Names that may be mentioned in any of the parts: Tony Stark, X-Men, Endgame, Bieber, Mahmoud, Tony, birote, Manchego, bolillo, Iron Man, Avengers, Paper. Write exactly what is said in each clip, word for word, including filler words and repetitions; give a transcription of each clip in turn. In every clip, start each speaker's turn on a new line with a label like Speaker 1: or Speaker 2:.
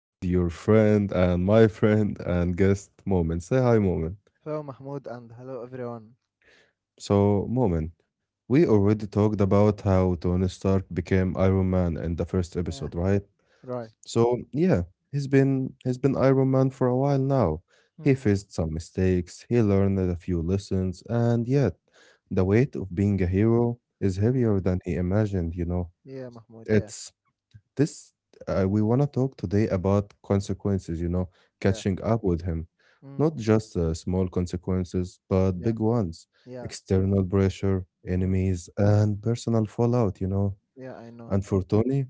Speaker 1: with your friend and my friend and guest, Moment. Say hi, Moment.
Speaker 2: Hello, Mahmoud, and hello, everyone.
Speaker 1: So, Moment, we already talked about how Tony Stark became Iron Man in the first episode,
Speaker 2: Yeah,
Speaker 1: right?
Speaker 2: right.
Speaker 1: So yeah, he's been he's been Iron Man for a while now. He
Speaker 2: Mm,
Speaker 1: faced some mistakes, he learned a few lessons, and yet the weight of being a hero is
Speaker 2: mm,
Speaker 1: heavier than he imagined, you know.
Speaker 2: yeah, Mahmoud. Yeah,
Speaker 1: It's this, uh, we want to talk today about consequences, you know,
Speaker 2: yeah.
Speaker 1: catching up with him.
Speaker 2: Mm,
Speaker 1: Not just uh, small consequences, but
Speaker 2: yeah,
Speaker 1: big ones,
Speaker 2: yeah.
Speaker 1: external pressure,
Speaker 2: Mm,
Speaker 1: enemies, and personal fallout, you know.
Speaker 2: yeah, I know.
Speaker 1: And for Tony,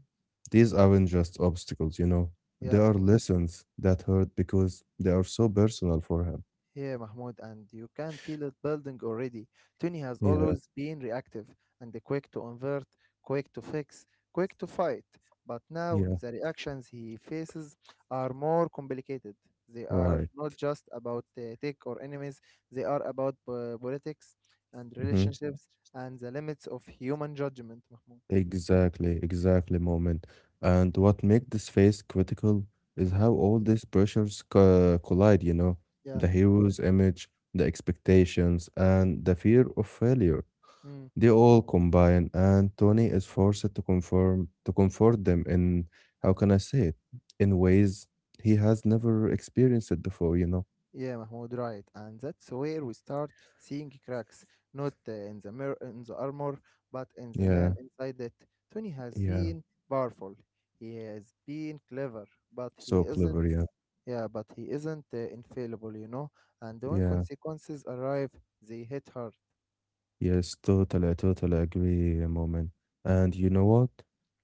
Speaker 1: these aren't just obstacles, you know, they
Speaker 2: Yeah.
Speaker 1: are lessons that hurt because they are so personal for him.
Speaker 2: Yeah, Mahmoud, and you can feel it building already. Tony has
Speaker 1: Yeah,
Speaker 2: always been reactive and quick to invert, quick to fix, quick to fight. But now
Speaker 1: yeah,
Speaker 2: the reactions he faces are more complicated. They are
Speaker 1: right.
Speaker 2: not just about uh, tech or enemies, they are about uh, politics and
Speaker 1: Mm-hmm.
Speaker 2: relationships and the limits of human judgment, Mahmoud.
Speaker 1: Exactly, exactly, Moment. And what make this phase critical is
Speaker 2: Mm,
Speaker 1: how all these pressures co collide, you know,
Speaker 2: yeah.
Speaker 1: the hero's image, the expectations, and the fear of failure.
Speaker 2: Hmm.
Speaker 1: They all combine, and Tony is forced to conform to comfort them in, how can I say it, in ways he has never experienced it before, you know?
Speaker 2: Yeah, Mahmoud, right. And that's where we start seeing cracks, not uh, in the mirror, in the armor, but in the man
Speaker 1: Yeah,
Speaker 2: inside it. Tony has
Speaker 1: yeah.
Speaker 2: been powerful. He has been clever, but he
Speaker 1: So
Speaker 2: isn't.
Speaker 1: clever, yeah,
Speaker 2: Yeah, but he isn't uh, infallible, you know. And when
Speaker 1: yeah.
Speaker 2: consequences arrive, they hit hard.
Speaker 1: Yes, totally, I totally agree, Moment. And you know what?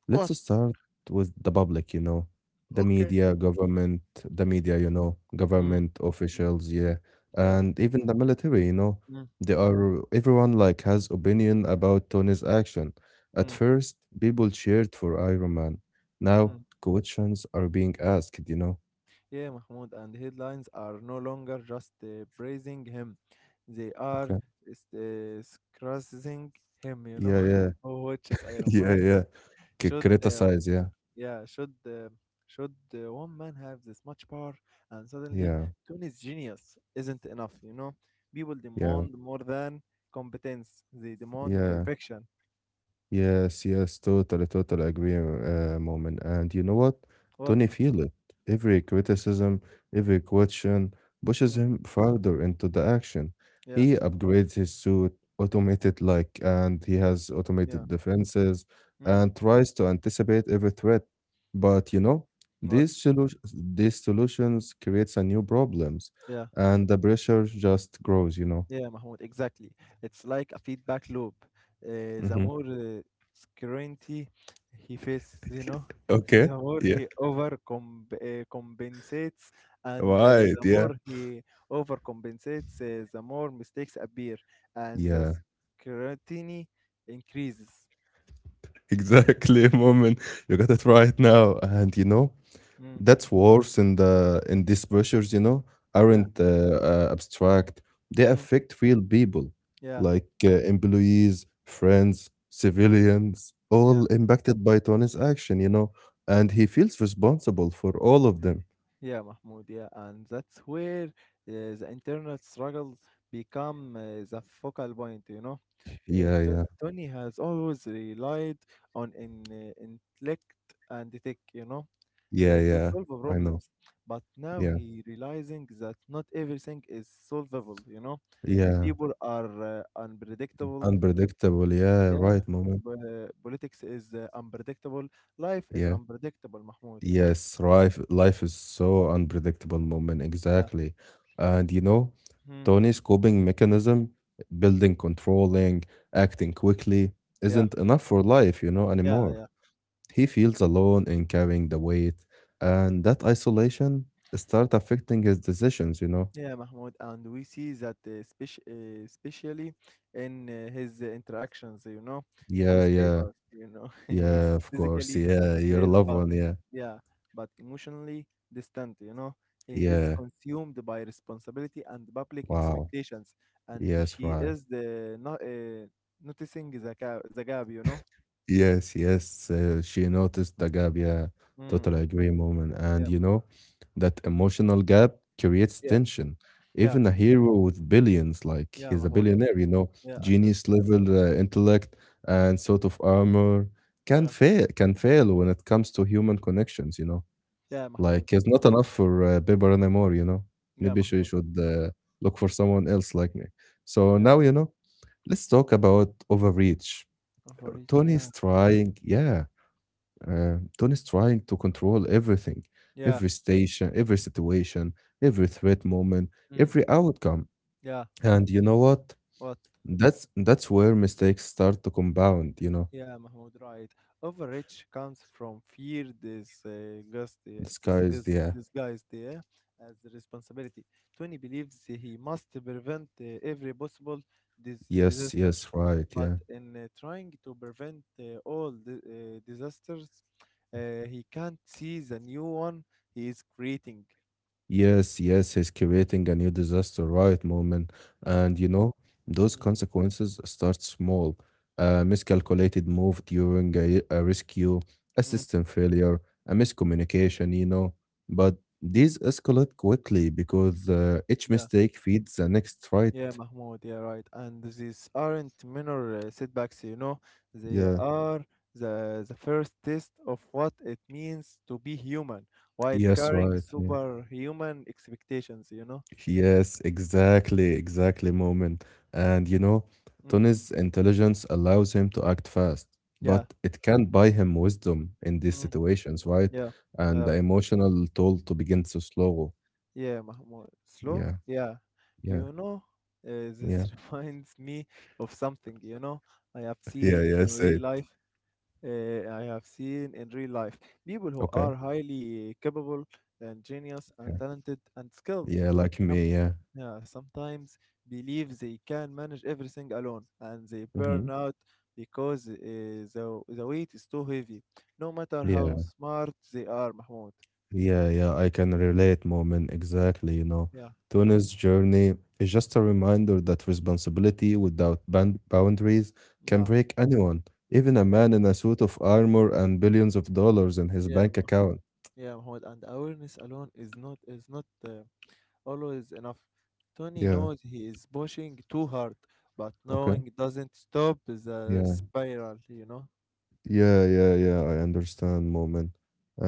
Speaker 1: Let's
Speaker 2: What?
Speaker 1: start with the public, you know, the
Speaker 2: Okay.
Speaker 1: media, government, the media, you know,
Speaker 2: Mm.
Speaker 1: government
Speaker 2: Mm.
Speaker 1: officials, yeah,
Speaker 2: Yeah.
Speaker 1: and even the military, you know,
Speaker 2: Mm.
Speaker 1: they are everyone like has opinion about Tony's action. At
Speaker 2: Mm.
Speaker 1: first, people cheered for Iron Man. Now,
Speaker 2: Mm.
Speaker 1: questions are being asked, you know.
Speaker 2: Yeah, Mahmoud, and headlines are no longer just uh, praising him, they are
Speaker 1: Okay.
Speaker 2: s- uh, scrutinizing him, you know.
Speaker 1: Yeah, yeah,
Speaker 2: Who watches Iron
Speaker 1: yeah,
Speaker 2: Man?
Speaker 1: yeah. C-
Speaker 2: Should uh,
Speaker 1: Criticize, yeah,
Speaker 2: yeah, should uh, should uh, one man have this much power? And suddenly,
Speaker 1: yeah,
Speaker 2: Tony's genius isn't enough, you know. People
Speaker 1: yeah,
Speaker 2: demand more than competence; they demand
Speaker 1: yeah.
Speaker 2: perfection.
Speaker 1: Yes, yes, totally, totally agree, uh, Moment. And you know what?
Speaker 2: What?
Speaker 1: Tony
Speaker 2: Mahmoud?
Speaker 1: feel it. Every criticism, every question pushes
Speaker 2: Mm,
Speaker 1: him further into the action.
Speaker 2: yeah,
Speaker 1: He upgrades his suit, automated like, and he has
Speaker 2: yeah.
Speaker 1: automated defenses
Speaker 2: Mm,
Speaker 1: and tries to anticipate every threat. But you know,
Speaker 2: what?
Speaker 1: these solutions, these solutions creates a new problems,
Speaker 2: Yeah.
Speaker 1: and the pressure just grows, you know.
Speaker 2: Yeah, Mahmoud, exactly. It's like a feedback loop. Uh, the
Speaker 1: Hmm.
Speaker 2: more uh, scrutiny he faces, you know,
Speaker 1: Okay.
Speaker 2: the more
Speaker 1: Yeah.
Speaker 2: he overcomp uh, compensates, and uh,
Speaker 1: Right.
Speaker 2: the
Speaker 1: Yeah.
Speaker 2: more he overcompensates, uh, the more mistakes appear, and the
Speaker 1: Yeah.
Speaker 2: scrutiny increases.
Speaker 1: Exactly, Moment, you got it right now. And you know
Speaker 2: Mm,
Speaker 1: that's worse in the in these pressures, you know,
Speaker 2: yeah,
Speaker 1: aren't uh, uh, abstract, they
Speaker 2: mm,
Speaker 1: affect real people,
Speaker 2: yeah,
Speaker 1: like uh, employees, friends, civilians, all
Speaker 2: yeah.
Speaker 1: impacted by Tony's action, you know, and he feels responsible for all of them.
Speaker 2: Yeah, Mahmoud, yeah, and that's where uh, the internal struggle become uh, the focal point, you know. Uh,
Speaker 1: Yeah,
Speaker 2: To-
Speaker 1: yeah,
Speaker 2: Tony has always relied on in, uh, intellect and tech, you know,
Speaker 1: yeah,
Speaker 2: uh, to
Speaker 1: yeah,
Speaker 2: solve the
Speaker 1: I know,
Speaker 2: problems. But now
Speaker 1: yeah,
Speaker 2: he realizing that not everything is solvable, you know.
Speaker 1: yeah,
Speaker 2: People are uh, unpredictable.
Speaker 1: unpredictable, yeah,
Speaker 2: Yeah,
Speaker 1: right, Moment,
Speaker 2: but, uh, politics is uh, unpredictable. Life is
Speaker 1: yeah.
Speaker 2: unpredictable, Mahmoud.
Speaker 1: Yes, life life is so unpredictable, Moment,
Speaker 2: Yeah.
Speaker 1: exactly. And you know,
Speaker 2: Hmm.
Speaker 1: Tony's coping mechanism, building, controlling, acting quickly,
Speaker 2: Yeah.
Speaker 1: isn't enough for life, you know,
Speaker 2: Yeah,
Speaker 1: anymore.
Speaker 2: yeah.
Speaker 1: He feels alone in carrying the weight, and that isolation start affecting his decisions, you know.
Speaker 2: Yeah, Mahmoud, and we see that uh, speci uh, especially in uh, his uh, interactions, you know, with
Speaker 1: Yeah, yeah,
Speaker 2: paper, you know, he's
Speaker 1: yeah, of course.
Speaker 2: physically
Speaker 1: Yeah, your
Speaker 2: there,
Speaker 1: loved
Speaker 2: but
Speaker 1: one, yeah.
Speaker 2: yeah, but emotionally distant, you know. He is
Speaker 1: Yeah.
Speaker 2: consumed by responsibility and public
Speaker 1: Wow.
Speaker 2: expectations, and
Speaker 1: Yes,
Speaker 2: she
Speaker 1: right.
Speaker 2: is the not uh, noticing the gap, the gap, you know.
Speaker 1: Yes, yes. Uh, she noticed the gap. Yeah,
Speaker 2: Mm,
Speaker 1: totally agree, Moment. And
Speaker 2: yeah,
Speaker 1: you know, that emotional gap creates
Speaker 2: yeah,
Speaker 1: tension.
Speaker 2: yeah,
Speaker 1: Even a hero with billions, like
Speaker 2: yeah,
Speaker 1: he's a
Speaker 2: Mahmoud.
Speaker 1: billionaire, you know,
Speaker 2: Yeah, I know that.
Speaker 1: genius level uh, intellect and sort of armor can
Speaker 2: Yeah,
Speaker 1: fail, can fail when it comes to human connections, you know.
Speaker 2: yeah, Mahmoud.
Speaker 1: Like
Speaker 2: Yeah,
Speaker 1: it's not enough for uh, Bieber anymore, you know.
Speaker 2: yeah,
Speaker 1: Maybe she
Speaker 2: Mahmoud.
Speaker 1: should uh, look for someone else like me. So
Speaker 2: Yeah,
Speaker 1: now, you know, let's talk about overreach.
Speaker 2: overreach. Yeah.
Speaker 1: Tony's trying, yeah, uh, Tony's trying to control everything,
Speaker 2: Yeah.
Speaker 1: every station, every situation, every threat, Moment,
Speaker 2: Mm,
Speaker 1: every outcome.
Speaker 2: yeah,
Speaker 1: And you know what?
Speaker 2: what?
Speaker 1: That's that's where mistakes start to compound. You know,
Speaker 2: Yeah, Mahmoud, right. Overreach comes from fear this uh, gust, uh,
Speaker 1: the sky is
Speaker 2: disgust,
Speaker 1: yeah,
Speaker 2: disguised yeah, as responsibility. Tony believes he must prevent uh, every possible dis-
Speaker 1: yes,
Speaker 2: disaster,
Speaker 1: yes, right,
Speaker 2: but
Speaker 1: yeah.
Speaker 2: in uh, trying to prevent uh, all the uh, disasters, uh, he can't see the new one he is creating.
Speaker 1: Yes, yes, he's creating a new disaster, right, Moment.
Speaker 2: Mm,
Speaker 1: And you know, those
Speaker 2: mm,
Speaker 1: consequences start small. A miscalculated move during a, a rescue, a
Speaker 2: mm,
Speaker 1: system failure, a miscommunication, you know. But these escalate quickly because uh, each
Speaker 2: yeah.
Speaker 1: mistake feeds the next, right.
Speaker 2: Yeah, Mahmoud, yeah, right. And these aren't minor uh, setbacks, you know. They
Speaker 1: Yeah.
Speaker 2: are the the first test of what it means to be human while
Speaker 1: Yes,
Speaker 2: carrying
Speaker 1: right, yeah.
Speaker 2: superhuman expectations, you know.
Speaker 1: Yes, exactly, exactly, Moment. And you know,
Speaker 2: Mm,
Speaker 1: Tony's intelligence allows him to act fast,
Speaker 2: yeah,
Speaker 1: but it can't buy him wisdom in these
Speaker 2: mm,
Speaker 1: situations, right?
Speaker 2: yeah,
Speaker 1: And the
Speaker 2: uh,
Speaker 1: emotional toll to begin to slow.
Speaker 2: yeah, Mahmoud. Slow?
Speaker 1: Yeah,
Speaker 2: Yeah.
Speaker 1: yeah,
Speaker 2: You know, uh,
Speaker 1: yeah,
Speaker 2: this reminds me of something, you know, I have
Speaker 1: yeah,
Speaker 2: seen
Speaker 1: yeah.
Speaker 2: in
Speaker 1: Say
Speaker 2: real
Speaker 1: it.
Speaker 2: life. uh, I have seen in real life. People who
Speaker 1: Okay.
Speaker 2: are highly capable, and genius,
Speaker 1: Yeah,
Speaker 2: and talented, and skilled,
Speaker 1: yeah, like
Speaker 2: some,
Speaker 1: me. Yeah.
Speaker 2: yeah, sometimes believe they can manage everything alone, and they
Speaker 1: Mm-hmm.
Speaker 2: burn out because uh, the, the weight is too heavy, no matter how
Speaker 1: Yeah.
Speaker 2: smart they are, Mahmoud.
Speaker 1: Yeah, yeah, I can relate, Moment. Exactly, you know.
Speaker 2: Yeah,
Speaker 1: Tuna's journey is just a reminder that responsibility without ban- boundaries can
Speaker 2: yeah,
Speaker 1: break anyone, even a
Speaker 2: yeah,
Speaker 1: man in a suit of armor and billions of dollars in his
Speaker 2: yeah,
Speaker 1: bank
Speaker 2: Mahmoud.
Speaker 1: account.
Speaker 2: Yeah, Mahmoud. And awareness alone is not is not. Uh, always enough. Tony
Speaker 1: Yeah,
Speaker 2: knows he is pushing too hard, but
Speaker 1: okay.
Speaker 2: knowing doesn't stop the
Speaker 1: Yeah,
Speaker 2: spiral, you know?
Speaker 1: yeah, yeah, yeah, I understand, Moment.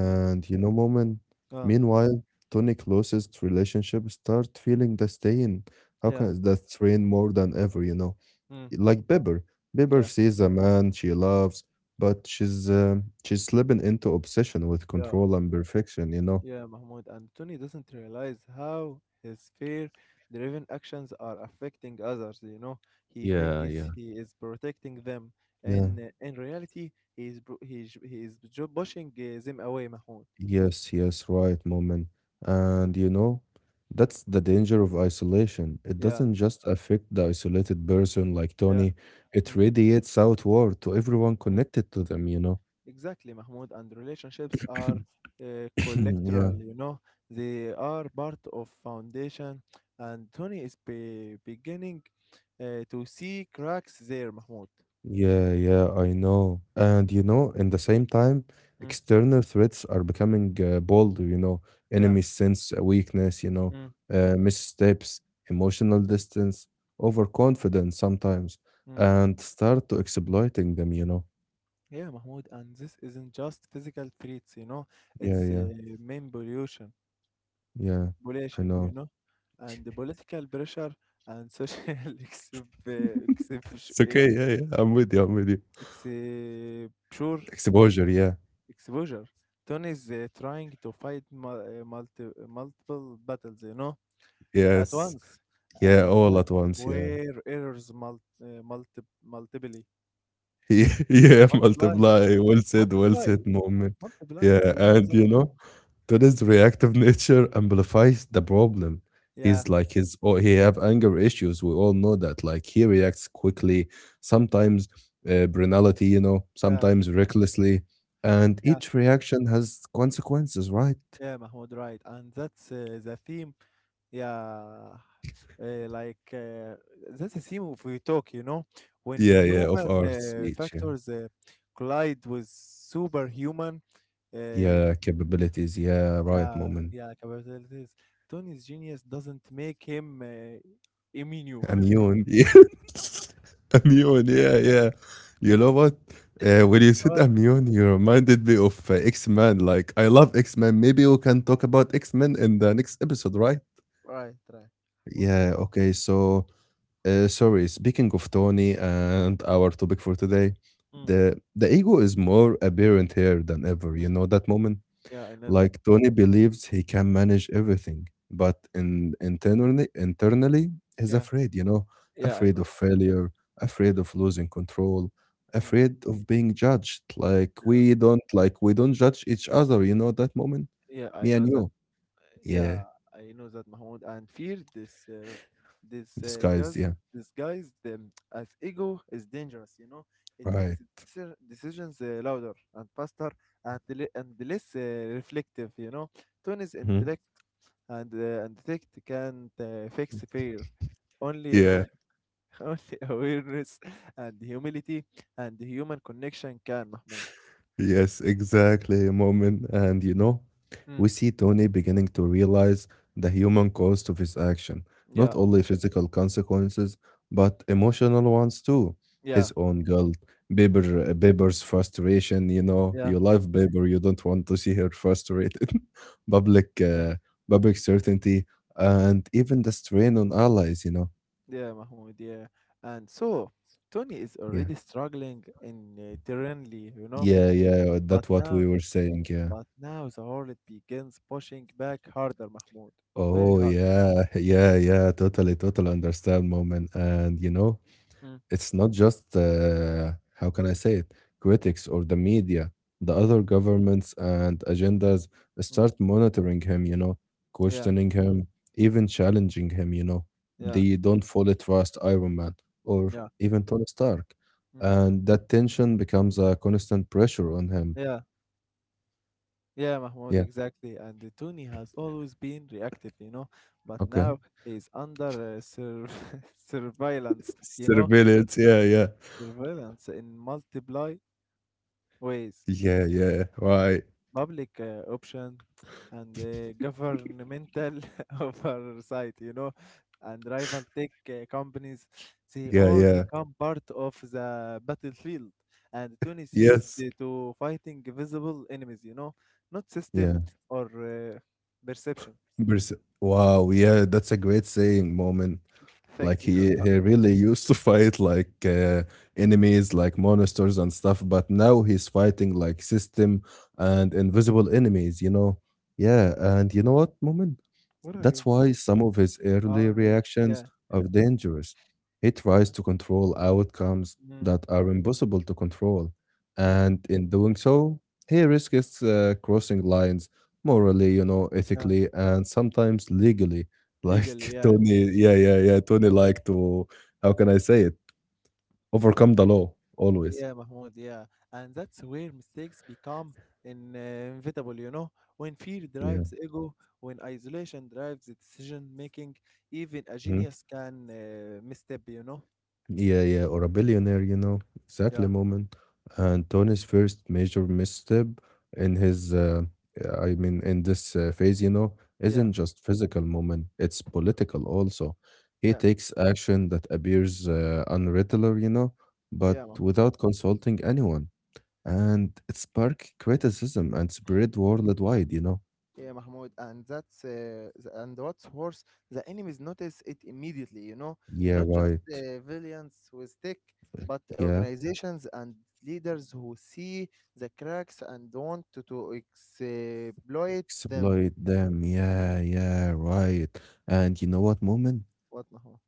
Speaker 2: Mm.
Speaker 1: you know, Moment,
Speaker 2: Ah,
Speaker 1: meanwhile, Tony closest relationship start feeling the stain. How
Speaker 2: yeah,
Speaker 1: can that strain more than ever, you know?
Speaker 2: mm,
Speaker 1: Like Bieber. Bieber
Speaker 2: yeah,
Speaker 1: sees a man she loves, but she's uh, she's slipping into obsession with
Speaker 2: yeah,
Speaker 1: control and perfection, you know.
Speaker 2: yeah, Mahmoud. And Tony doesn't realize how his fear driven actions are affecting others, you know? He
Speaker 1: Yeah, yeah.
Speaker 2: thinks he is protecting them,
Speaker 1: Yeah,
Speaker 2: and uh, in reality, he is, bro- he, is- he is ju- pushing uh, them away, Mahmoud.
Speaker 1: yes, yes, right, Moment. And you know, that's the danger of isolation. It
Speaker 2: Yeah,
Speaker 1: doesn't just affect the isolated person like
Speaker 2: yeah.
Speaker 1: Tony, it
Speaker 2: Mm.
Speaker 1: radiates outward to everyone connected to them, you know.
Speaker 2: Exactly, Mahmoud, and relationships are uh,
Speaker 1: Yeah.
Speaker 2: collectoral, you know, they are part of foundation, and Tony is be beginning uh, to see cracks there, Mahmoud.
Speaker 1: Yeah, yeah, I know. And you know, in the same
Speaker 2: Mm,
Speaker 1: time,
Speaker 2: mm,
Speaker 1: external threats are becoming uh, bolder, you know,
Speaker 2: yeah,
Speaker 1: enemies sense a weakness, you know,
Speaker 2: mm,
Speaker 1: uh, missteps, emotional distance, overconfidence sometimes,
Speaker 2: mm.
Speaker 1: and start to exploiting them, you know.
Speaker 2: Yeah, Mahmoud, and this isn't just physical threats, you know,
Speaker 1: Yeah,
Speaker 2: it's uh,
Speaker 1: yeah,
Speaker 2: main pollution,
Speaker 1: yeah, I
Speaker 2: pollution, you
Speaker 1: know.
Speaker 2: know, and the political pressure and social exp-
Speaker 1: It's
Speaker 2: exp-
Speaker 1: okay. Yeah, yeah, I'm with you. I'm with you.
Speaker 2: exposure
Speaker 1: Exposure. Yeah,
Speaker 2: exposure. Tony is uh, trying to fight mul- uh, multi- multiple battles, you know, at
Speaker 1: yes.
Speaker 2: once,
Speaker 1: Yeah,
Speaker 2: and
Speaker 1: all
Speaker 2: that's
Speaker 1: at once. Yeah.
Speaker 2: where errors mul- uh, multi- multiply,
Speaker 1: Yeah, yeah,
Speaker 2: multiply,
Speaker 1: multiply. Well said, well
Speaker 2: multiply,
Speaker 1: said, Moment.
Speaker 2: multiply.
Speaker 1: Yeah,
Speaker 2: I know
Speaker 1: and
Speaker 2: that.
Speaker 1: you know, Tony's reactive nature amplifies the problem.
Speaker 2: Yeah,
Speaker 1: He's like his oh, he have anger issues. We all know that. Like he reacts quickly, sometimes uh, banality, you know,
Speaker 2: yeah,
Speaker 1: sometimes recklessly, and
Speaker 2: yeah,
Speaker 1: each reaction has consequences, right?
Speaker 2: yeah, Mahmoud, right. And that's uh, the theme. Yeah, uh, like uh, that's the theme of we talk, you know, when
Speaker 1: Yeah, yeah, of
Speaker 2: human
Speaker 1: our
Speaker 2: uh,
Speaker 1: speech, yeah,
Speaker 2: factors uh, collide with superhuman. uh,
Speaker 1: yeah, capabilities, yeah, right,
Speaker 2: Yeah,
Speaker 1: Moment.
Speaker 2: yeah, capabilities. Tony's genius doesn't make him uh, immune.
Speaker 1: I'm Ewan. Yeah, yeah. You know what? Uh, when you said i,
Speaker 2: Right,
Speaker 1: you reminded me of uh, X-Men. Like, I love X-Men. Maybe we can talk about X-Men in the next episode, right?
Speaker 2: right, right. Well,
Speaker 1: Yeah, okay. So, uh, sorry, speaking of Tony and our topic for today,
Speaker 2: mm,
Speaker 1: the the ego is more apparent here than ever. You
Speaker 2: mm.
Speaker 1: know that, Moment?
Speaker 2: Yeah, I know that.
Speaker 1: Like Tony believes he can manage everything, but in, internally, internally, he's
Speaker 2: Yeah,
Speaker 1: afraid, you know,
Speaker 2: yeah, I
Speaker 1: afraid
Speaker 2: know.
Speaker 1: of failure, afraid of losing control,
Speaker 2: Mm,
Speaker 1: afraid of being judged. Like
Speaker 2: yeah,
Speaker 1: we don't, like we don't judge each other, you know, that Moment,
Speaker 2: yeah, I
Speaker 1: me
Speaker 2: know
Speaker 1: and
Speaker 2: that.
Speaker 1: you. Yeah,
Speaker 2: Yeah, I know that, Mahmoud, and fear this uh, this uh,
Speaker 1: disguised.
Speaker 2: guys
Speaker 1: Yeah,
Speaker 2: disguised um, as ego is dangerous. You know, it
Speaker 1: right.
Speaker 2: makes deci- decisions uh, louder and faster and, le- and less uh, reflective. You know, Tony's
Speaker 1: Mhm.
Speaker 2: intellect. And uh, and tech can't uh, fix fear. Only
Speaker 1: Yeah.
Speaker 2: only awareness and humility and human connection can, Mahmoud.
Speaker 1: Yes, exactly, Moment. And you know,
Speaker 2: Mm.
Speaker 1: we see Tony beginning to realize the human cost of his action, not
Speaker 2: Yeah,
Speaker 1: only physical consequences, but emotional ones too.
Speaker 2: yeah,
Speaker 1: His own guilt,
Speaker 2: mm,
Speaker 1: Bieber, uh, Bieber's frustration, you know,
Speaker 2: yeah,
Speaker 1: you love Bieber, you don't want to see her frustrated. Public,
Speaker 2: yeah,
Speaker 1: uh, public certainty, and even the strain on allies, you know.
Speaker 2: yeah, Mahmoud. Yeah, and so Tony is
Speaker 1: Yeah,
Speaker 2: already struggling in uh, terrainly, you know,
Speaker 1: yeah, yeah, that's
Speaker 2: but
Speaker 1: what we
Speaker 2: now
Speaker 1: were saying, yeah.
Speaker 2: but now the world begins pushing back harder, Mahmoud. Very
Speaker 1: Oh,
Speaker 2: hard.
Speaker 1: yeah. Yeah, yeah. Totally, totally understand, Moment. And, you know,
Speaker 2: Mm,
Speaker 1: it's not just, uh, how can I say it, critics or the media. The
Speaker 2: mm,
Speaker 1: other governments and agendas
Speaker 2: mm.
Speaker 1: start monitoring him, you know,
Speaker 2: Yeah,
Speaker 1: questioning him, even challenging him, you know.
Speaker 2: yeah,
Speaker 1: They don't fully trust Iron Man or
Speaker 2: yeah,
Speaker 1: even Tony Stark.
Speaker 2: mm,
Speaker 1: And that tension becomes a constant pressure on him.
Speaker 2: yeah. Yeah, Mahmoud,
Speaker 1: Yeah,
Speaker 2: exactly. And uh, Tony has always been reactive, you know, but
Speaker 1: okay.
Speaker 2: now he's under uh, sur surveillance, you know,
Speaker 1: Surveillance. Yeah, yeah.
Speaker 2: surveillance in multiple ways,
Speaker 1: Yeah, yeah. Right.
Speaker 2: public uh, option and uh, governmental oversight, you know, and rival tech uh, companies, they
Speaker 1: Yeah,
Speaker 2: all
Speaker 1: yeah.
Speaker 2: become part of the battlefield. And Tony is used
Speaker 1: Yes.
Speaker 2: uh, to fighting visible enemies, you know, not system
Speaker 1: Yeah.
Speaker 2: or uh, perception.
Speaker 1: Pers- wow. Yeah, that's a great saying, Moment.
Speaker 2: Thank
Speaker 1: Like
Speaker 2: you.
Speaker 1: he he really used to fight like uh, enemies, like monsters and stuff, but now he's fighting like system and invisible enemies. You know. Yeah. And you know what, Moment?
Speaker 2: What are
Speaker 1: That's
Speaker 2: you?
Speaker 1: why some of his early
Speaker 2: Oh, yeah,
Speaker 1: reactions
Speaker 2: yeah,
Speaker 1: are
Speaker 2: yeah.
Speaker 1: dangerous. He tries to control outcomes
Speaker 2: Mm,
Speaker 1: that are impossible to control,
Speaker 2: mm,
Speaker 1: and in doing so, he risks uh, crossing lines morally, you know,
Speaker 2: yeah,
Speaker 1: ethically, and sometimes legally.
Speaker 2: legally,
Speaker 1: Like
Speaker 2: yeah,
Speaker 1: Tony, yeah, yeah, yeah. Tony like to, how can I say it? Overcome the law always.
Speaker 2: yeah, Mahmoud, yeah. And that's where mistakes become in, uh, inevitable, you know, when fear
Speaker 1: Yeah.
Speaker 2: drives ego, when isolation drives the decision making, even a
Speaker 1: Mm-hmm.
Speaker 2: genius can uh, misstep, you know.
Speaker 1: Yeah, yeah, or a billionaire, you know, exactly
Speaker 2: Yeah,
Speaker 1: Moment. And Tony's first major misstep in his, uh, I mean, in this uh, phase, you know,
Speaker 2: yeah,
Speaker 1: isn't just physical, Moment, it's political also. He
Speaker 2: yeah,
Speaker 1: takes action that appears uh, unregular, you know, but
Speaker 2: yeah.
Speaker 1: without consulting anyone. And it sparked criticism and spread worldwide, you know.
Speaker 2: Yeah, Mahmoud, and that's uh, the, and what's worse, the enemies notice it immediately. You know,
Speaker 1: Yeah,
Speaker 2: not just
Speaker 1: right.
Speaker 2: uh, villains with stick, but
Speaker 1: Yeah,
Speaker 2: organizations and leaders who see the cracks and want to, to exploit them.
Speaker 1: exploit them. Yeah, yeah, right. And you know what, Moment?
Speaker 2: What, Mahmoud?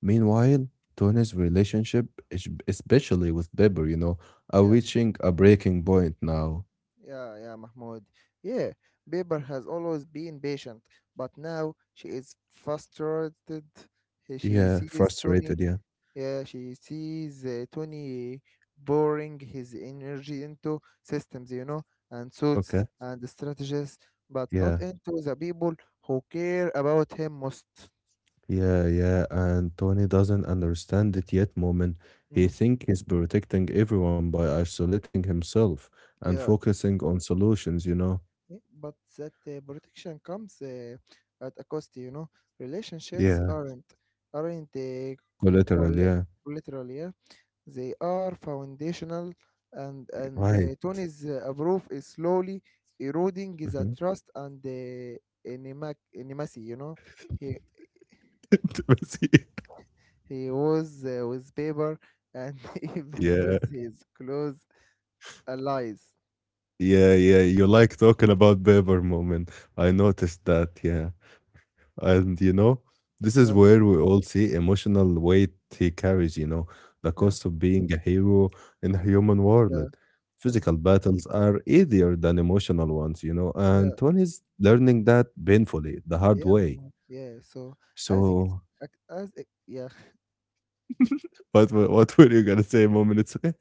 Speaker 1: Meanwhile, Tony's relationship, es- especially with Bieber, you know, are
Speaker 2: Yeah,
Speaker 1: reaching a breaking point now.
Speaker 2: yeah, yeah, Mahmoud. Yeah, Bieber has always been patient, but now she is frustrated. He- She
Speaker 1: Yeah,
Speaker 2: sees Tony.
Speaker 1: frustrated. Yeah.
Speaker 2: Yeah, she sees uh, Tony pouring his energy into systems, you know, and
Speaker 1: Okay.
Speaker 2: suits and strategies, but
Speaker 1: Yeah.
Speaker 2: not into the people who care about him most.
Speaker 1: Yeah. Yeah. And Tony doesn't understand it yet, Moment. He
Speaker 2: Mm,
Speaker 1: thinks he's protecting everyone by isolating himself and
Speaker 2: yeah.
Speaker 1: focusing on solutions, you know.
Speaker 2: Yeah, but that uh, protection comes uh, at a cost, you know. Relationships
Speaker 1: Yeah.
Speaker 2: aren't aren't uh,
Speaker 1: Collateral.
Speaker 2: coll-
Speaker 1: Yeah.
Speaker 2: collateral, yeah. They are foundational, and and
Speaker 1: Right.
Speaker 2: uh, Tony's uh, approval is slowly eroding
Speaker 1: Hmm.
Speaker 2: the trust and the enema- intimacy. You know, he
Speaker 1: Intimacy.
Speaker 2: he was uh, with Paper and even
Speaker 1: Yeah.
Speaker 2: with his close allies.
Speaker 1: Yeah. Yeah. You like talking about Bieber, Moment. I noticed that. Yeah. And you know, this is
Speaker 2: But
Speaker 1: where we all see emotional weight he carries, you know, the
Speaker 2: yeah,
Speaker 1: cost of being a hero in a human world.
Speaker 2: yeah, mm,
Speaker 1: Physical battles are easier than emotional ones, you know,
Speaker 2: yeah,
Speaker 1: and Tony is learning that painfully, the hard
Speaker 2: yeah,
Speaker 1: way.
Speaker 2: mhm, yeah. So as ex-
Speaker 1: So,
Speaker 2: ac- as e- yeah
Speaker 1: what were- what were you gonna say, Moment? It's okay.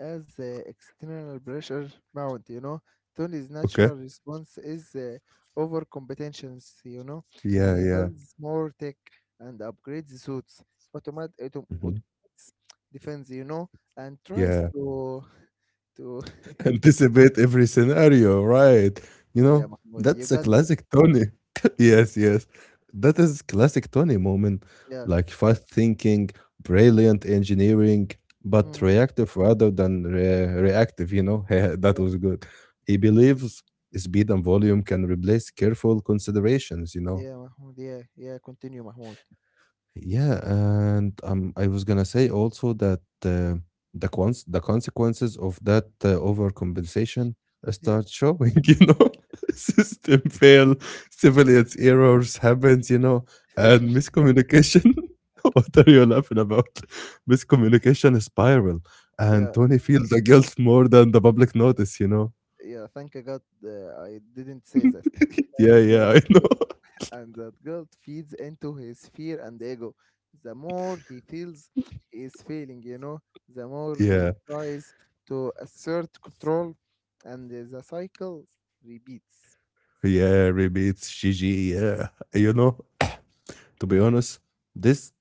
Speaker 2: as the external pressure mount, you know. Tony's
Speaker 1: Okay.
Speaker 2: natural response is uh, overcompetence, you know.
Speaker 1: Yeah,
Speaker 2: He
Speaker 1: yeah,
Speaker 2: builds more tech and upgrades suits, automat autom-
Speaker 1: mhm,
Speaker 2: automates defense, you know, and tries
Speaker 1: yeah.
Speaker 2: to to
Speaker 1: Anticipate every scenario, right? You
Speaker 2: yeah,
Speaker 1: know,
Speaker 2: Mahmoud, you
Speaker 1: that's a
Speaker 2: got this.
Speaker 1: classic Tony.
Speaker 2: Mm,
Speaker 1: Yes, yes. That is classic Tony, Moment.
Speaker 2: yeah,
Speaker 1: Like fast thinking, brilliant engineering, but
Speaker 2: mm,
Speaker 1: reactive rather than re- reactive, you know? That
Speaker 2: yeah,
Speaker 1: was good. He believes speed and volume can replace careful considerations, you know?
Speaker 2: yeah, Mahmoud, yeah, yeah. Continue, Mahmoud.
Speaker 1: Yeah, and um, I was gonna say also that uh, the cons the consequences of that uh, overcompensation uh,
Speaker 2: Yeah,
Speaker 1: start showing. You know, system fail, civilians errors happens. You know, and miscommunication. What are you laughing about? Miscommunication spiral, and
Speaker 2: yeah,
Speaker 1: Tony feels the guilt more than the public notice. You know.
Speaker 2: yeah. Thank God uh, I didn't say that.
Speaker 1: Yeah,
Speaker 2: And
Speaker 1: yeah,
Speaker 2: that
Speaker 1: I know.
Speaker 2: and that guilt feeds into his fear and ego. The more he feels he is failing, you know, the more he
Speaker 1: Yeah,
Speaker 2: tries to assert control, and the cycle repeats.
Speaker 1: yeah, repeats Gigi. Yeah, you know, to be honest, this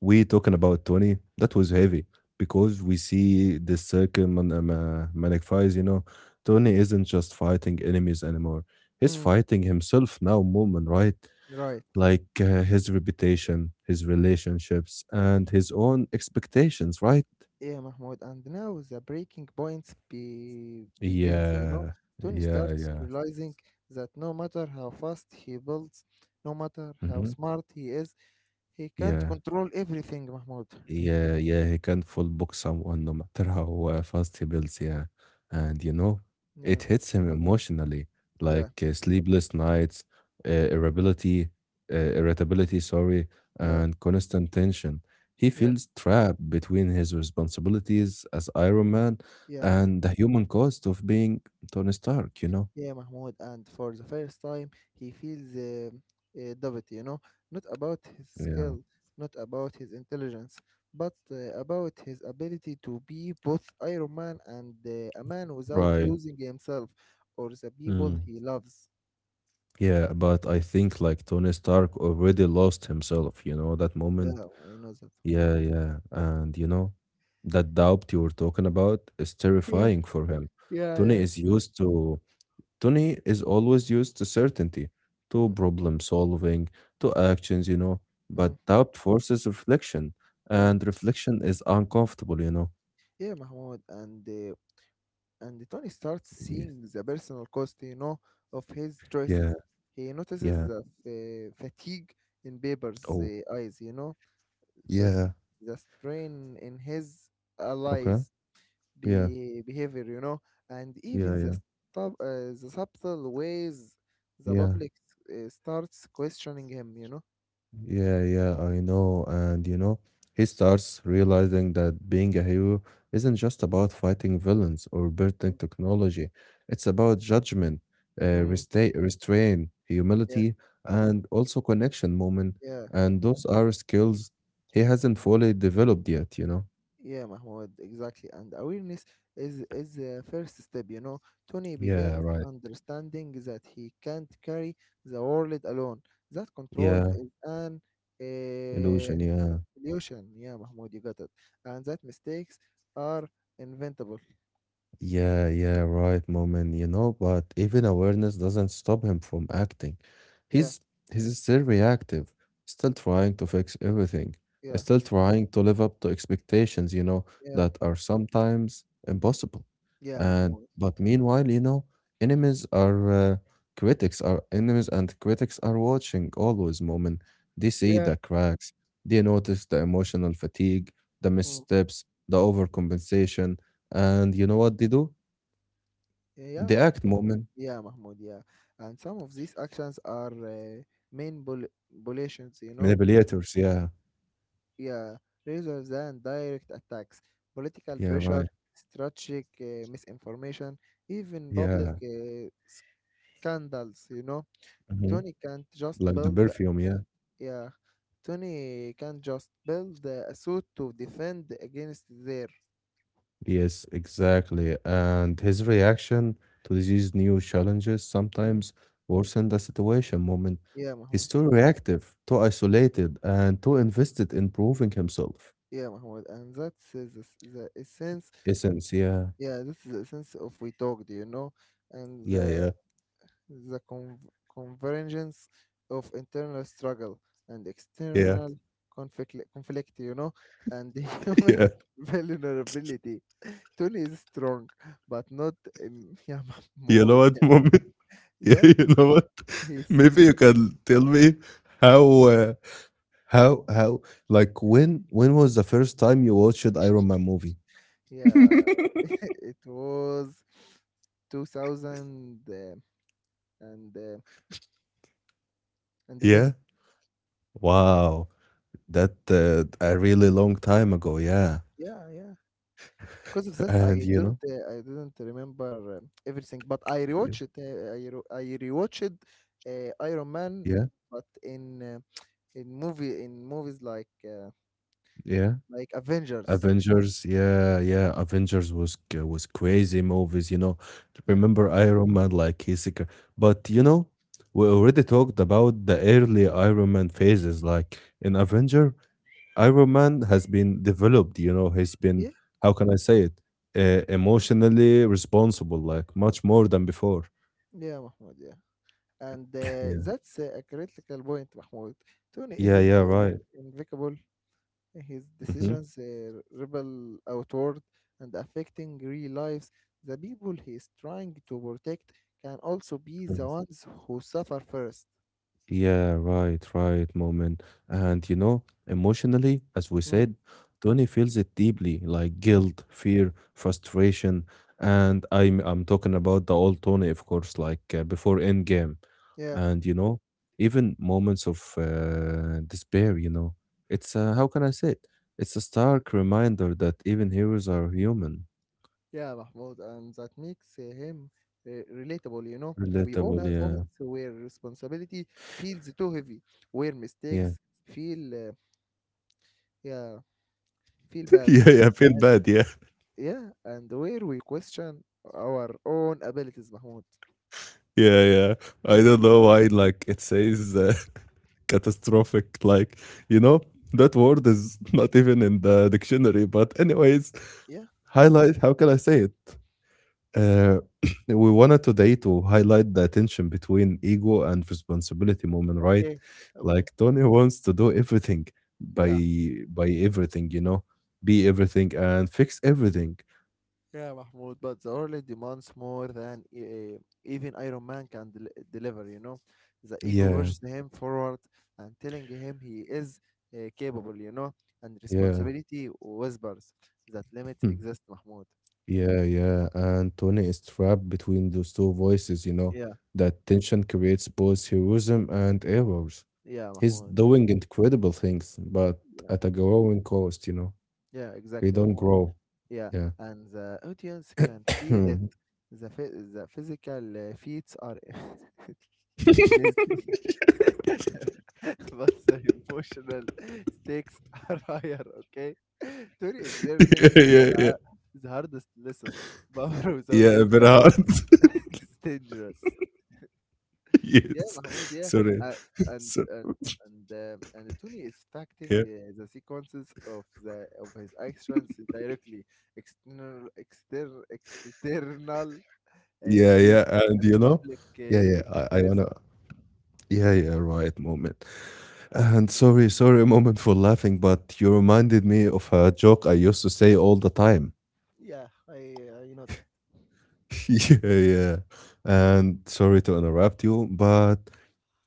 Speaker 1: we talking about twenty, that was heavy because we see this circle man, uh, ma- magnifies, you know. Tony isn't just fighting enemies anymore. He's
Speaker 2: Mm,
Speaker 1: fighting himself now, moment, right?
Speaker 2: right.
Speaker 1: Like uh, his reputation, his relationships, and his own expectations, right?
Speaker 2: Yeah, Mahmoud. And now the breaking point be, begins, you know.
Speaker 1: Yeah,
Speaker 2: Tony
Speaker 1: yeah,
Speaker 2: starts
Speaker 1: yeah.
Speaker 2: realizing that no matter how fast he builds, no matter how
Speaker 1: Hmm.
Speaker 2: smart he is, he can't
Speaker 1: Yeah.
Speaker 2: control everything, Mahmoud.
Speaker 1: Yeah, yeah, he can full book someone no matter how uh, fast he builds, yeah. And you know,
Speaker 2: Yeah,
Speaker 1: it hits him emotionally,
Speaker 2: yeah,
Speaker 1: like uh, sleepless nights, uh, irritability, uh, irritability, sorry,
Speaker 2: yeah,
Speaker 1: and constant tension. He
Speaker 2: yeah,
Speaker 1: feels trapped between his responsibilities as Iron Man
Speaker 2: yeah.
Speaker 1: and the human cost of being Tony Stark, you know?
Speaker 2: Yeah, Mahmoud, and for the first time, he feels uh, uh, doubt, you know, not about his
Speaker 1: Yeah,
Speaker 2: skill, not about his intelligence, but uh, about his ability to be both Iron Man and uh, a man without
Speaker 1: right.
Speaker 2: losing himself or the
Speaker 1: Mm.
Speaker 2: people he loves.
Speaker 1: Yeah, but I think like Tony Stark already lost himself, you know, that
Speaker 2: Yeah,
Speaker 1: moment.
Speaker 2: I know that.
Speaker 1: Yeah, yeah. And you know, that doubt you were talking about is
Speaker 2: Yeah,
Speaker 1: terrifying for him.
Speaker 2: yeah,
Speaker 1: Tony
Speaker 2: yeah.
Speaker 1: is used to, Tony is always used to certainty, to
Speaker 2: Mm,
Speaker 1: problem solving, to actions, you know. But
Speaker 2: mm,
Speaker 1: doubt forces reflection,
Speaker 2: yeah,
Speaker 1: and reflection is uncomfortable, you know.
Speaker 2: yeah, Mahmoud, and uh, And Tony starts
Speaker 1: Yes.
Speaker 2: seeing the personal cost, you know, of his
Speaker 1: Yeah,
Speaker 2: choices. He notices
Speaker 1: yeah.
Speaker 2: the f- eh, fatigue in Bieber's
Speaker 1: Oh,
Speaker 2: uh, eyes, you know, the, s-
Speaker 1: yeah.
Speaker 2: the strain in his
Speaker 1: Okay.
Speaker 2: allies'
Speaker 1: Yeah,
Speaker 2: be- behavior, you know, and even
Speaker 1: yeah,
Speaker 2: the,
Speaker 1: yeah,
Speaker 2: sub- uh, the subtle ways the
Speaker 1: yeah.
Speaker 2: public uh, starts questioning him, you know.
Speaker 1: Yeah, yeah, I know. And you know, he starts realizing that being a hero isn't just about fighting villains or building technology. It's about judgment, uh,
Speaker 2: Mm,
Speaker 1: resta- restraint,
Speaker 2: yeah,
Speaker 1: humility, and also connection moment.
Speaker 2: yeah.
Speaker 1: And those are skills he hasn't fully developed yet, you know?
Speaker 2: Yeah, Mahmoud, exactly. And awareness is is the first step, you know. Tony
Speaker 1: Yeah,
Speaker 2: begins
Speaker 1: right.
Speaker 2: understanding that he can't carry the world alone. That control
Speaker 1: Yeah,
Speaker 2: is an uh,
Speaker 1: illusion, yeah.
Speaker 2: illusion. Yeah, Mahmoud, you got it. And that mistakes are inventable.
Speaker 1: Yeah, yeah, right, Moment. You know, but even awareness doesn't stop him from acting.
Speaker 2: Yeah,
Speaker 1: He's he's still reactive, still trying to fix everything,
Speaker 2: yeah,
Speaker 1: still trying to live up to expectations, you know,
Speaker 2: yeah,
Speaker 1: that are sometimes impossible.
Speaker 2: yeah,
Speaker 1: And
Speaker 2: Mahmoud.
Speaker 1: but meanwhile, you know, enemies are uh, critics are enemies and critics are watching always, Moment. They see
Speaker 2: Yeah.
Speaker 1: the cracks, they notice the emotional fatigue, the
Speaker 2: Mm.
Speaker 1: missteps, the overcompensation, and you know what they do?
Speaker 2: Yeah,
Speaker 1: They act moment
Speaker 2: yeah, Mahmoud, yeah. And some of these actions are uh, main violations, you know,
Speaker 1: manipulators. Yeah,
Speaker 2: yeah, rather than direct attacks. Political
Speaker 1: yeah,
Speaker 2: pressure,
Speaker 1: right.
Speaker 2: strategic uh, misinformation, even public
Speaker 1: Yeah,
Speaker 2: uh, scandals, you know.
Speaker 1: mhm.
Speaker 2: Tony can't just
Speaker 1: Like the
Speaker 2: build,
Speaker 1: perfume. Yeah,
Speaker 2: yeah, Tony can't just build uh, a suit to defend against their.
Speaker 1: yes, exactly. And his reaction to these new challenges
Speaker 2: Mm,
Speaker 1: sometimes worsen the situation moment.
Speaker 2: yeah,
Speaker 1: He's
Speaker 2: Mahmoud.
Speaker 1: too reactive, too isolated, and too invested in proving himself.
Speaker 2: Yeah, Mahmoud. And that's uh, the, s- the essence.
Speaker 1: Essence. Yeah,
Speaker 2: Yeah, this is the essence of we talked, you know. And
Speaker 1: yeah, yeah,
Speaker 2: the con- convergence of internal struggle and
Speaker 1: yeah,
Speaker 2: external conflict, conflict, you know, and human
Speaker 1: yeah.
Speaker 2: vulnerability. Tony is strong, but not in Yama
Speaker 1: You know
Speaker 2: mode.
Speaker 1: what moment? Yeah,
Speaker 2: Yeah,
Speaker 1: you know what?
Speaker 2: he's
Speaker 1: Maybe you can tell me how. Uh, How how like when when was the first time you watched Iron Man movie?
Speaker 2: yeah. It was 2000 uh, and uh, and
Speaker 1: Yeah.
Speaker 2: 10.
Speaker 1: Wow, that uh, a really long time ago, yeah.
Speaker 2: Yeah, yeah. Because of that,
Speaker 1: And
Speaker 2: I
Speaker 1: you
Speaker 2: don't
Speaker 1: know,
Speaker 2: uh, I didn't remember uh, everything, but I
Speaker 1: y-
Speaker 2: rewatched it uh, i, re- I rewatched uh, Iron Man,
Speaker 1: yeah,
Speaker 2: but in uh, in movie in movies like uh,
Speaker 1: yeah.
Speaker 2: like Avengers.
Speaker 1: Avengers, yeah, yeah. Avengers was c- was crazy movies, you know.
Speaker 2: Yeah,
Speaker 1: Remember Iron Man like his, sec- but you know, we already talked about the early Iron Man phases, like in Avenger. Iron Man has been developed, you know, he's been,
Speaker 2: yeah,
Speaker 1: how can I say it, uh, emotionally responsible, like much more than before.
Speaker 2: yeah, Mahmoud, yeah. And uh,
Speaker 1: Yeah.
Speaker 2: that's uh, a critical point, Mahmoud. Tony
Speaker 1: Yeah,
Speaker 2: isn't
Speaker 1: yeah,
Speaker 2: in-
Speaker 1: right.
Speaker 2: invicable. His
Speaker 1: Hmm.
Speaker 2: decisions uh, rebel outward and affecting real lives. The people he is trying to protect can also be the ones who suffer first.
Speaker 1: Yeah, right, right, moment. And you know, emotionally, as we
Speaker 2: Mm,
Speaker 1: said, Tony feels it deeply, like
Speaker 2: yeah,
Speaker 1: guilt, fear, frustration, and I'm I'm talking about the old Tony, of course, like uh, before Endgame,
Speaker 2: yeah,
Speaker 1: and you know, even moments of uh, despair. You know, it's uh, how can I say it? It's a stark reminder that even heroes are human,
Speaker 2: yeah, Mahmoud, and that makes uh, him uh, relatable. You know, we all
Speaker 1: relatable.
Speaker 2: have
Speaker 1: Yeah,
Speaker 2: moments where responsibility feels too heavy, where
Speaker 1: yeah.
Speaker 2: mistakes feel, uh, yeah, feel bad,
Speaker 1: Yeah, yeah, I feel
Speaker 2: and
Speaker 1: bad. Yeah.
Speaker 2: yeah, and where we question our own abilities, Mahmoud.
Speaker 1: Yeah, yeah. I don't know why, like, it says uh, catastrophic. Like, you know, that word is not even in the dictionary. But, anyways,
Speaker 2: Yeah,
Speaker 1: highlight how can I say it? Uh, we wanted today to highlight the tension between ego and responsibility moment, right?
Speaker 2: okay, okay,
Speaker 1: Like, Tony wants to do everything by
Speaker 2: yeah.
Speaker 1: by everything, you know, be everything and fix everything.
Speaker 2: Yeah, Mahmoud, but the world demands more than e- eh, even Iron Man can del- deliver, you know. The ego
Speaker 1: Yeah,
Speaker 2: pushes him forward and telling him he is uh, capable, you know, and
Speaker 1: yeah.
Speaker 2: responsibility whispers that limits exist, Mahmoud.
Speaker 1: Yeah, yeah. And Tony is trapped between those two voices, you know.
Speaker 2: Yeah,
Speaker 1: That tension creates both heroism and errors.
Speaker 2: yeah,
Speaker 1: He's
Speaker 2: Mahmoud.
Speaker 1: doing incredible things, but
Speaker 2: Yeah,
Speaker 1: at a growing cost, you know.
Speaker 2: yeah,
Speaker 1: He
Speaker 2: exactly,
Speaker 1: don't
Speaker 2: Mahmoud.
Speaker 1: grow.
Speaker 2: Yeah,
Speaker 1: Yeah.
Speaker 2: and the audience can feel
Speaker 1: Yeah,
Speaker 2: it. The, phy- the physical uh, feats are amazing. But the emotional stakes are higher, okay? Tori is learning
Speaker 1: yeah, yeah.
Speaker 2: the, the hardest lesson. Power without
Speaker 1: Yeah, very
Speaker 2: wisdom
Speaker 1: hard.
Speaker 2: is dangerous. Yeah,
Speaker 1: Yes.
Speaker 2: Mahmoud, yeah.
Speaker 1: Sorry.
Speaker 2: Uh, and
Speaker 1: So,
Speaker 2: and and uh, and Tony is facting
Speaker 1: yeah.
Speaker 2: uh, the sequences of the of his actions directly. External exter, external uh,
Speaker 1: Yeah,
Speaker 2: threat
Speaker 1: yeah. And
Speaker 2: and
Speaker 1: you know,
Speaker 2: public
Speaker 1: yeah, yeah.
Speaker 2: uh,
Speaker 1: I, I
Speaker 2: criticism.
Speaker 1: wanna yeah, yeah, right moment. And sorry, sorry a moment for laughing, but you reminded me of a joke I used to say all the time.
Speaker 2: Yeah, I, I know that.
Speaker 1: Yeah, yeah. And sorry to interrupt you, but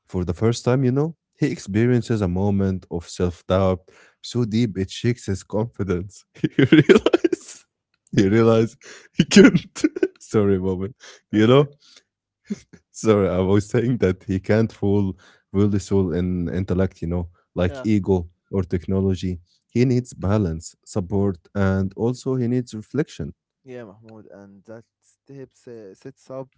Speaker 1: for the first time, you know, he experiences a moment of self doubt so deep it shakes his confidence. He realizes, he realizes he can't. Sorry, moment. You
Speaker 2: Okay.
Speaker 1: know, sorry, I was saying that he can't rule rule the soul in intellect, you know, like
Speaker 2: Yeah.
Speaker 1: ego or technology. He needs balance, support, and also he needs reflection.
Speaker 2: Yeah, Mahmoud, and that step se- sets up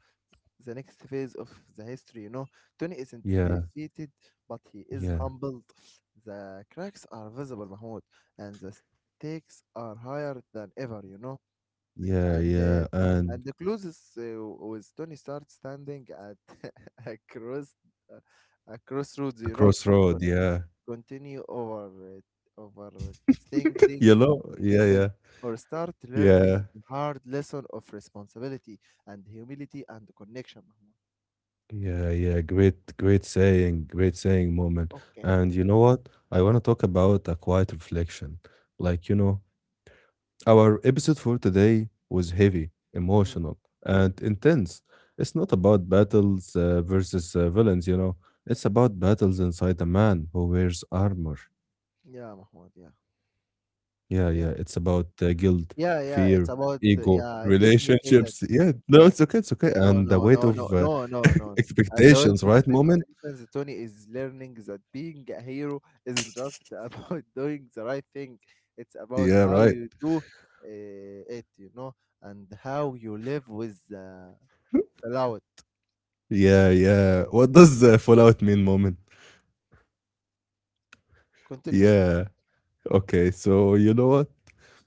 Speaker 2: the next phase of the history. You know, Tony isn't
Speaker 1: Yeah,
Speaker 2: defeated, but he is
Speaker 1: yeah,
Speaker 2: humbled. The cracks are visible, Mahmoud, and the stakes are higher than ever. You know,
Speaker 1: yeah,
Speaker 2: and uh,
Speaker 1: yeah, and
Speaker 2: and the closest uh, with Tony starts standing at a cross uh, a crossroads.
Speaker 1: a
Speaker 2: You know,
Speaker 1: crossroad. Yeah,
Speaker 2: continue over uh,
Speaker 1: you
Speaker 2: overextending
Speaker 1: know, yeah,
Speaker 2: himself
Speaker 1: yeah,
Speaker 2: or start learning
Speaker 1: yeah,
Speaker 2: the hard lesson of responsibility and humility and connection, Mahmoud.
Speaker 1: yeah, yeah. Great, great saying, great saying, moment.
Speaker 2: Okay.
Speaker 1: And you know what? I want to
Speaker 2: But
Speaker 1: talk about a quiet reflection, like you know, our episode for today was heavy,
Speaker 2: mm.
Speaker 1: emotional, and intense. It's not about battles uh, versus uh, villains, you know. It's about battles inside a man who wears armor.
Speaker 2: Yeah, Mahmoud, yeah.
Speaker 1: Yeah,
Speaker 2: Yeah.
Speaker 1: yeah. It's about uh, guilt,
Speaker 2: Yeah, yeah. It's
Speaker 1: fear,
Speaker 2: about uh,
Speaker 1: ego,
Speaker 2: yeah, let me say that.
Speaker 1: relationships. Yeah, no,
Speaker 2: Yeah.
Speaker 1: it's okay. It's okay.
Speaker 2: No,
Speaker 1: And the
Speaker 2: no,
Speaker 1: weight
Speaker 2: no,
Speaker 1: of
Speaker 2: no,
Speaker 1: uh,
Speaker 2: no, no, no. And the Adult
Speaker 1: expectations, right, moment?
Speaker 2: Civilizations Tony is learning that being a hero isn't just about doing the right thing. It's about
Speaker 1: Yeah,
Speaker 2: how
Speaker 1: right.
Speaker 2: you do uh, it, you know, and how you live with the fallout.
Speaker 1: Yeah, yeah. What does uh, Fallout mean, moment?
Speaker 2: Continue.
Speaker 1: Yeah. Okay. So, you know what?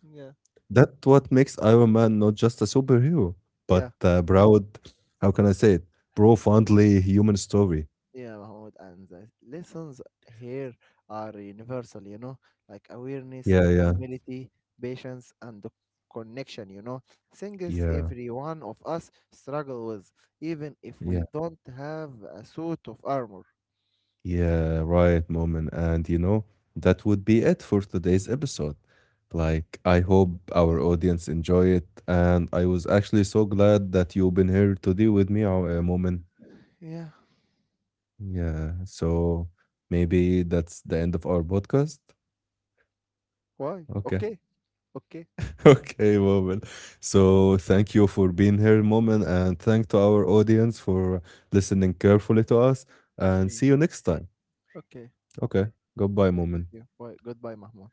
Speaker 2: Mahmoud. Yeah,
Speaker 1: That what makes Iron Man not just a superhero,
Speaker 2: yeah.
Speaker 1: but a proud, how can I say it, profoundly human story.
Speaker 2: Yeah, Mahmoud, and the lessons here are universal, you know, like awareness,
Speaker 1: Yeah, yeah,
Speaker 2: humility, patience, and the connection, you know, things
Speaker 1: yeah,
Speaker 2: every one of us struggle with, even if we
Speaker 1: yeah,
Speaker 2: don't have a suit of armor.
Speaker 1: yeah, right, moment. And you know, that would be it for today's episode. Like, I hope our audience enjoy it. And I was actually so glad that you've been here today with me, our uh, moment.
Speaker 2: Yeah,
Speaker 1: Yeah, so maybe that's the end of our podcast.
Speaker 2: why?
Speaker 1: Okay.
Speaker 2: Okay, okay,
Speaker 1: Okay, Moment. So thank you for being here, Moment, and thank to our audience for listening carefully to us. And
Speaker 2: mm,
Speaker 1: see you next time.
Speaker 2: okay,
Speaker 1: Okay, goodbye,
Speaker 2: okay, thank
Speaker 1: Moment.
Speaker 2: you. Why? Goodbye, Mahmoud.